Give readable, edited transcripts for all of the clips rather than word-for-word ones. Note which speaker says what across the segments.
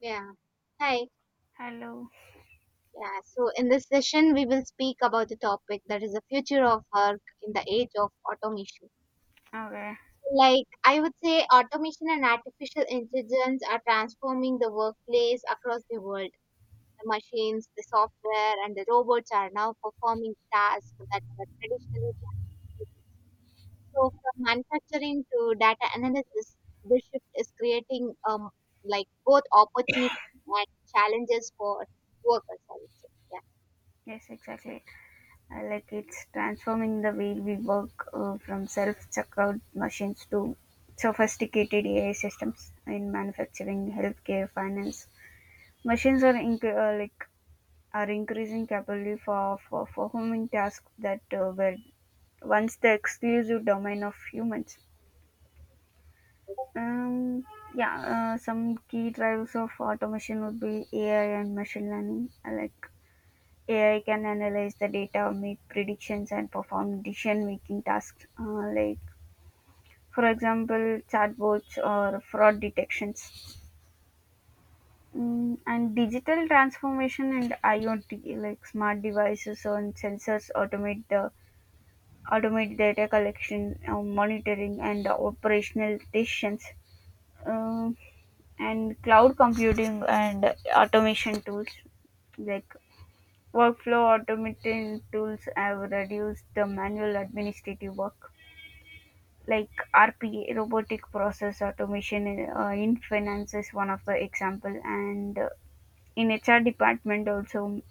Speaker 1: Yeah. Hi.
Speaker 2: Hello.
Speaker 1: Yeah. So in this session, we will speak about the topic that is the future of work in the age of automation.
Speaker 2: Okay.
Speaker 1: Like I would say, automation and artificial intelligence are transforming the workplace across the world. The machines, the software, and the robots are now performing tasks that were traditionally done. So from manufacturing to data analysis, this shift is creating like both opportunities and challenges for workers, I would say. Yeah.
Speaker 2: Yes, exactly. Like it's transforming the way we work from self checkout machines to sophisticated AI systems in manufacturing, healthcare, finance. Machines are increasing capability for performing tasks that were once the exclusive domain of humans. Um, yeah, some key drivers of automation would be AI and machine learning. Like AI can analyze the data, make predictions, and perform decision-making tasks, like, for example, chatbots or fraud detections. And digital transformation and IoT, like smart devices and sensors, automate data collection, monitoring, and operational decisions. Um and cloud computing and automation tools like workflow automation tools have reduced the manual administrative work, like RPA, robotic process automation in finance is one of the example, and in HR department also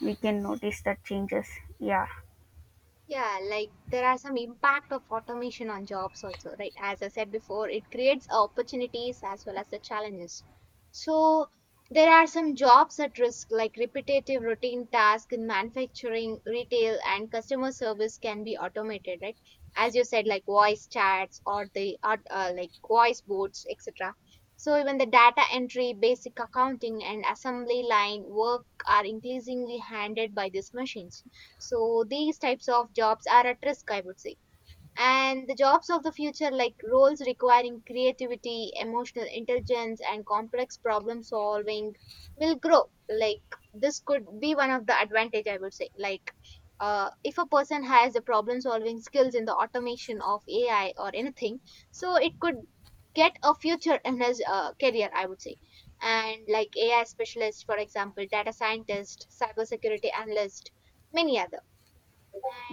Speaker 2: we can notice that changes. Yeah.
Speaker 1: Yeah, like there are some impact of automation on jobs also, right? As I said before, it creates opportunities as well as the challenges. So there are some jobs at risk, like repetitive routine tasks in manufacturing, retail, and customer service can be automated, right? As you said, like voice chats or like voice boards, etc. So even the data entry, basic accounting, and assembly line work are increasingly handled by these machines, so these types of jobs are at risk, I would say. And the jobs of the future, like roles requiring creativity, emotional intelligence, and complex problem solving, will grow. Like this could be one of the advantage, I would say. Like if a person has the problem solving skills in the automation of AI or anything, so it could get a future in his career, I would say. And like AI specialist, for example, data scientist, cybersecurity analyst, many other.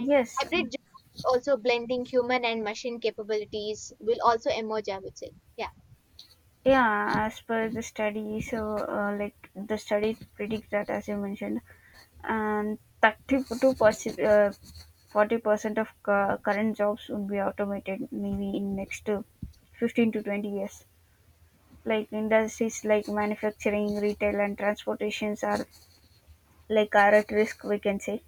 Speaker 1: And hybrid jobs, also blending human and machine capabilities, will also emerge, I would say. Yeah.
Speaker 2: yeah, as per the study, so like the study predicts that, as you mentioned, and 32%, 40% of current jobs would be automated maybe in next 15 to 20 years. Like industries like manufacturing, retail, and transportations are at risk, we can say.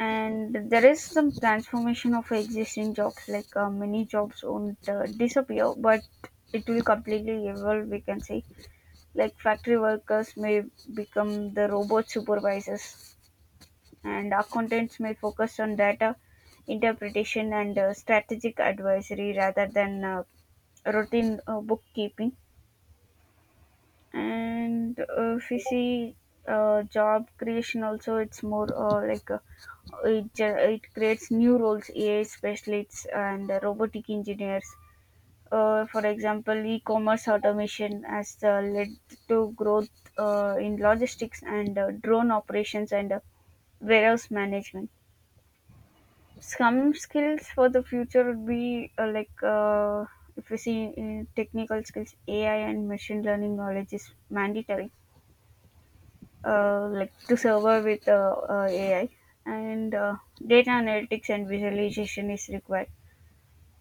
Speaker 2: And there is some transformation of existing jobs, like many jobs won't disappear, but it will completely evolve, we can say. Like factory workers may become the robot supervisors, and accountants may focus on data interpretation and strategic advisory rather than routine bookkeeping. And if you see job creation, also it's more, it, ge- it creates new roles, AI specialists and robotic engineers. For example, e-commerce automation has led to growth in logistics and drone operations and warehouse management. Some skills for the future would be if you see in technical skills, AI and machine learning knowledge is mandatory, like to survive with AI, and data analytics and visualization is required,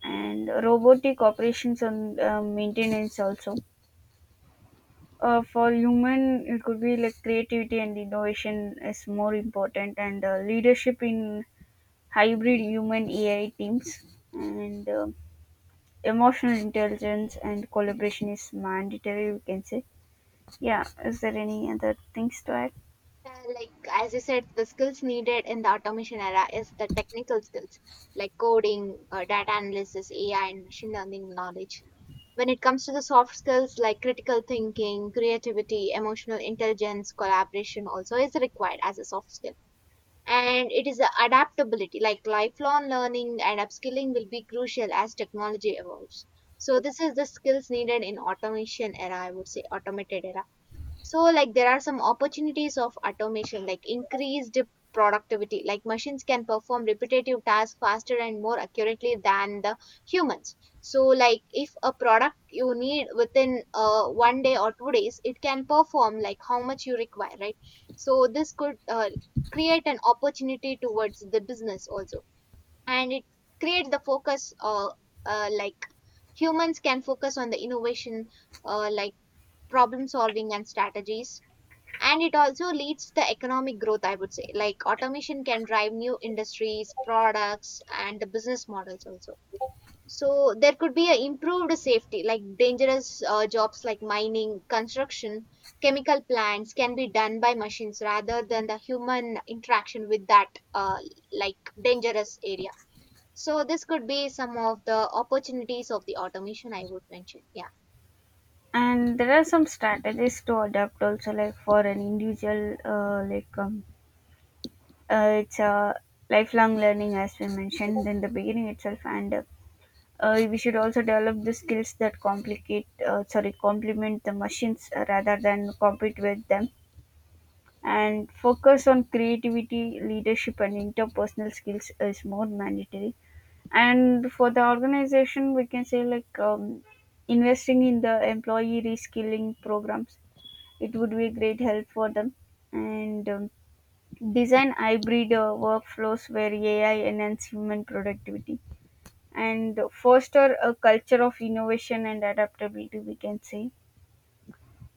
Speaker 2: and robotic operations and maintenance also. For human, it could be like creativity and innovation is more important, and leadership in hybrid human AI teams, and emotional intelligence and collaboration is mandatory, we can say. Yeah, is there any other things to add?
Speaker 1: Like, as you said, the skills needed in the automation era is the technical skills like coding, data analysis, AI, and machine learning knowledge. When it comes to the soft skills like critical thinking, creativity, emotional intelligence, collaboration also is required as a soft skill. And it is the adaptability, like lifelong learning and upskilling will be crucial as technology evolves. So this is the skills needed in automation era, I would say, automated era. So like there are some opportunities of automation, like increased productivity, like machines can perform repetitive tasks faster and more accurately than the humans. So like if a product you need within one day or 2 days, it can perform like how much you require, right? So this could create an opportunity towards the business also. And it creates the focus, like humans can focus on the innovation, like problem solving and strategies. And it also leads the economic growth, I would say. Like automation can drive new industries, products, and the business models also. So there could be a improved safety, like dangerous jobs like mining, construction, chemical plants can be done by machines rather than the human interaction with that like dangerous area. So this could be some of the opportunities of the automation, I would mention. Yeah.
Speaker 2: And there are some strategies to adapt also, like for an individual, it's a lifelong learning, as we mentioned in the beginning itself, and we should also develop the skills that complicate, sorry, complement the machines, rather than compete with them, and focus on creativity, leadership, and interpersonal skills is more mandatory. And for the organization we can say, like investing in the employee reskilling programs, it would be a great help for them. And design hybrid workflows where AI enhance human productivity, and foster a culture of innovation and adaptability, we can say.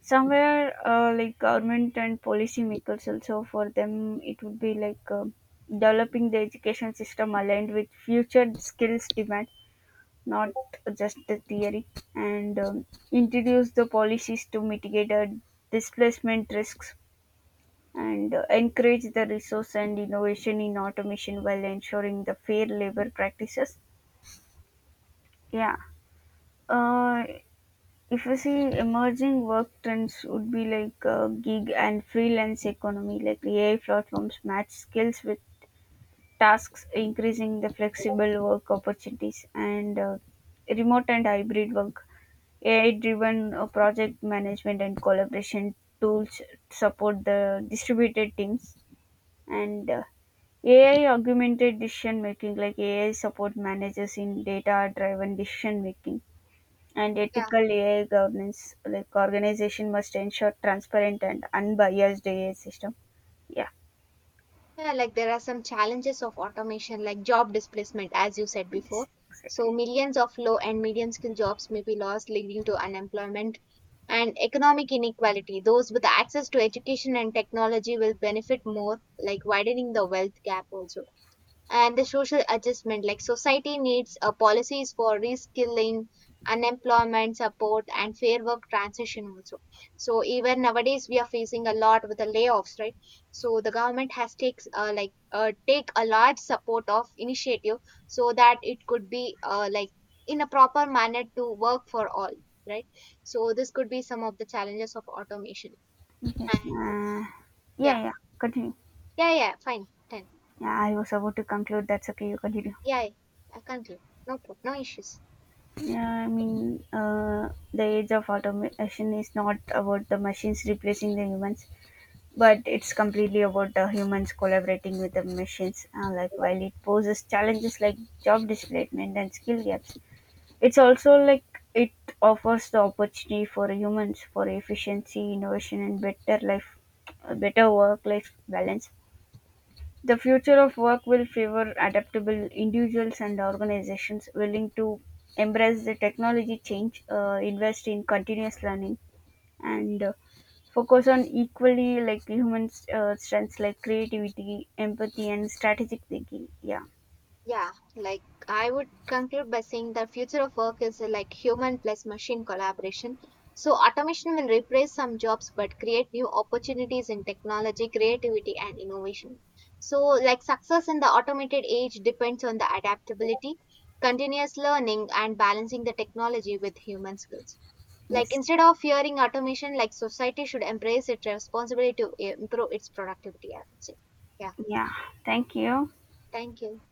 Speaker 2: Somewhere, like government and policy makers also, for them it would be like, developing the education system aligned with future skills demand, not just the theory, and introduce the policies to mitigate displacement risks, and encourage the resource and innovation in automation while ensuring the fair labor practices. Yeah. Uh, if you see, emerging work trends would be like gig and freelance economy, like AI platforms match skills with tasks, increasing the flexible work opportunities, and remote and hybrid work. AI-driven project management and collaboration tools support the distributed teams, and AI augmented decision making, like AI support managers in data driven decision making, and
Speaker 1: Yeah.
Speaker 2: ethical AI governance, like organization must ensure transparent and unbiased AI system. Yeah,
Speaker 1: Yeah, like there are some challenges of automation, like job displacement, as you said
Speaker 2: this
Speaker 1: before. So,
Speaker 2: exactly.
Speaker 1: millions of low and medium skill jobs may be lost, leading to unemployment and economic inequality. Those with access to education and technology will benefit more, like widening the wealth gap also. And the social adjustment, like society needs policies for reskilling, unemployment support, and fair work transition also. So even nowadays we are facing a lot with the layoffs, right? So the government has takes take a large support of initiative, so that it could be like in a proper manner to work for all, right? So this could be some of the challenges of automation,
Speaker 2: Yes.
Speaker 1: and yeah.
Speaker 2: Yeah, yeah. Continue.
Speaker 1: Yeah, yeah, fine. 10.
Speaker 2: Yeah, I was about to conclude. That's okay. You continue.
Speaker 1: Yeah, yeah. I can't. No problem, no issues.
Speaker 2: Yeah, I mean, the age of automation is not about the machines replacing the humans, but it's completely about the humans collaborating with the machines. Like while it poses challenges like job displacement and skill gaps, it's also like it offers the opportunity for humans for efficiency, innovation, and better life, better work-life balance. The future of work will favor adaptable individuals and organizations willing to embrace the technology change, invest in continuous learning, and focus on equally like human strengths like creativity, empathy, and strategic thinking. Yeah.
Speaker 1: Yeah, like I would conclude by saying the future of work is like human plus machine collaboration. So automation will replace some jobs but create new opportunities in technology, creativity, and innovation. So like success in the automated age depends on the adaptability, continuous learning, and balancing the technology with human skills. Like
Speaker 2: Yes.
Speaker 1: instead of fearing automation, like society should embrace its responsibility to improve its productivity, I would say. Yeah,
Speaker 2: Yeah. Thank you.
Speaker 1: thank you.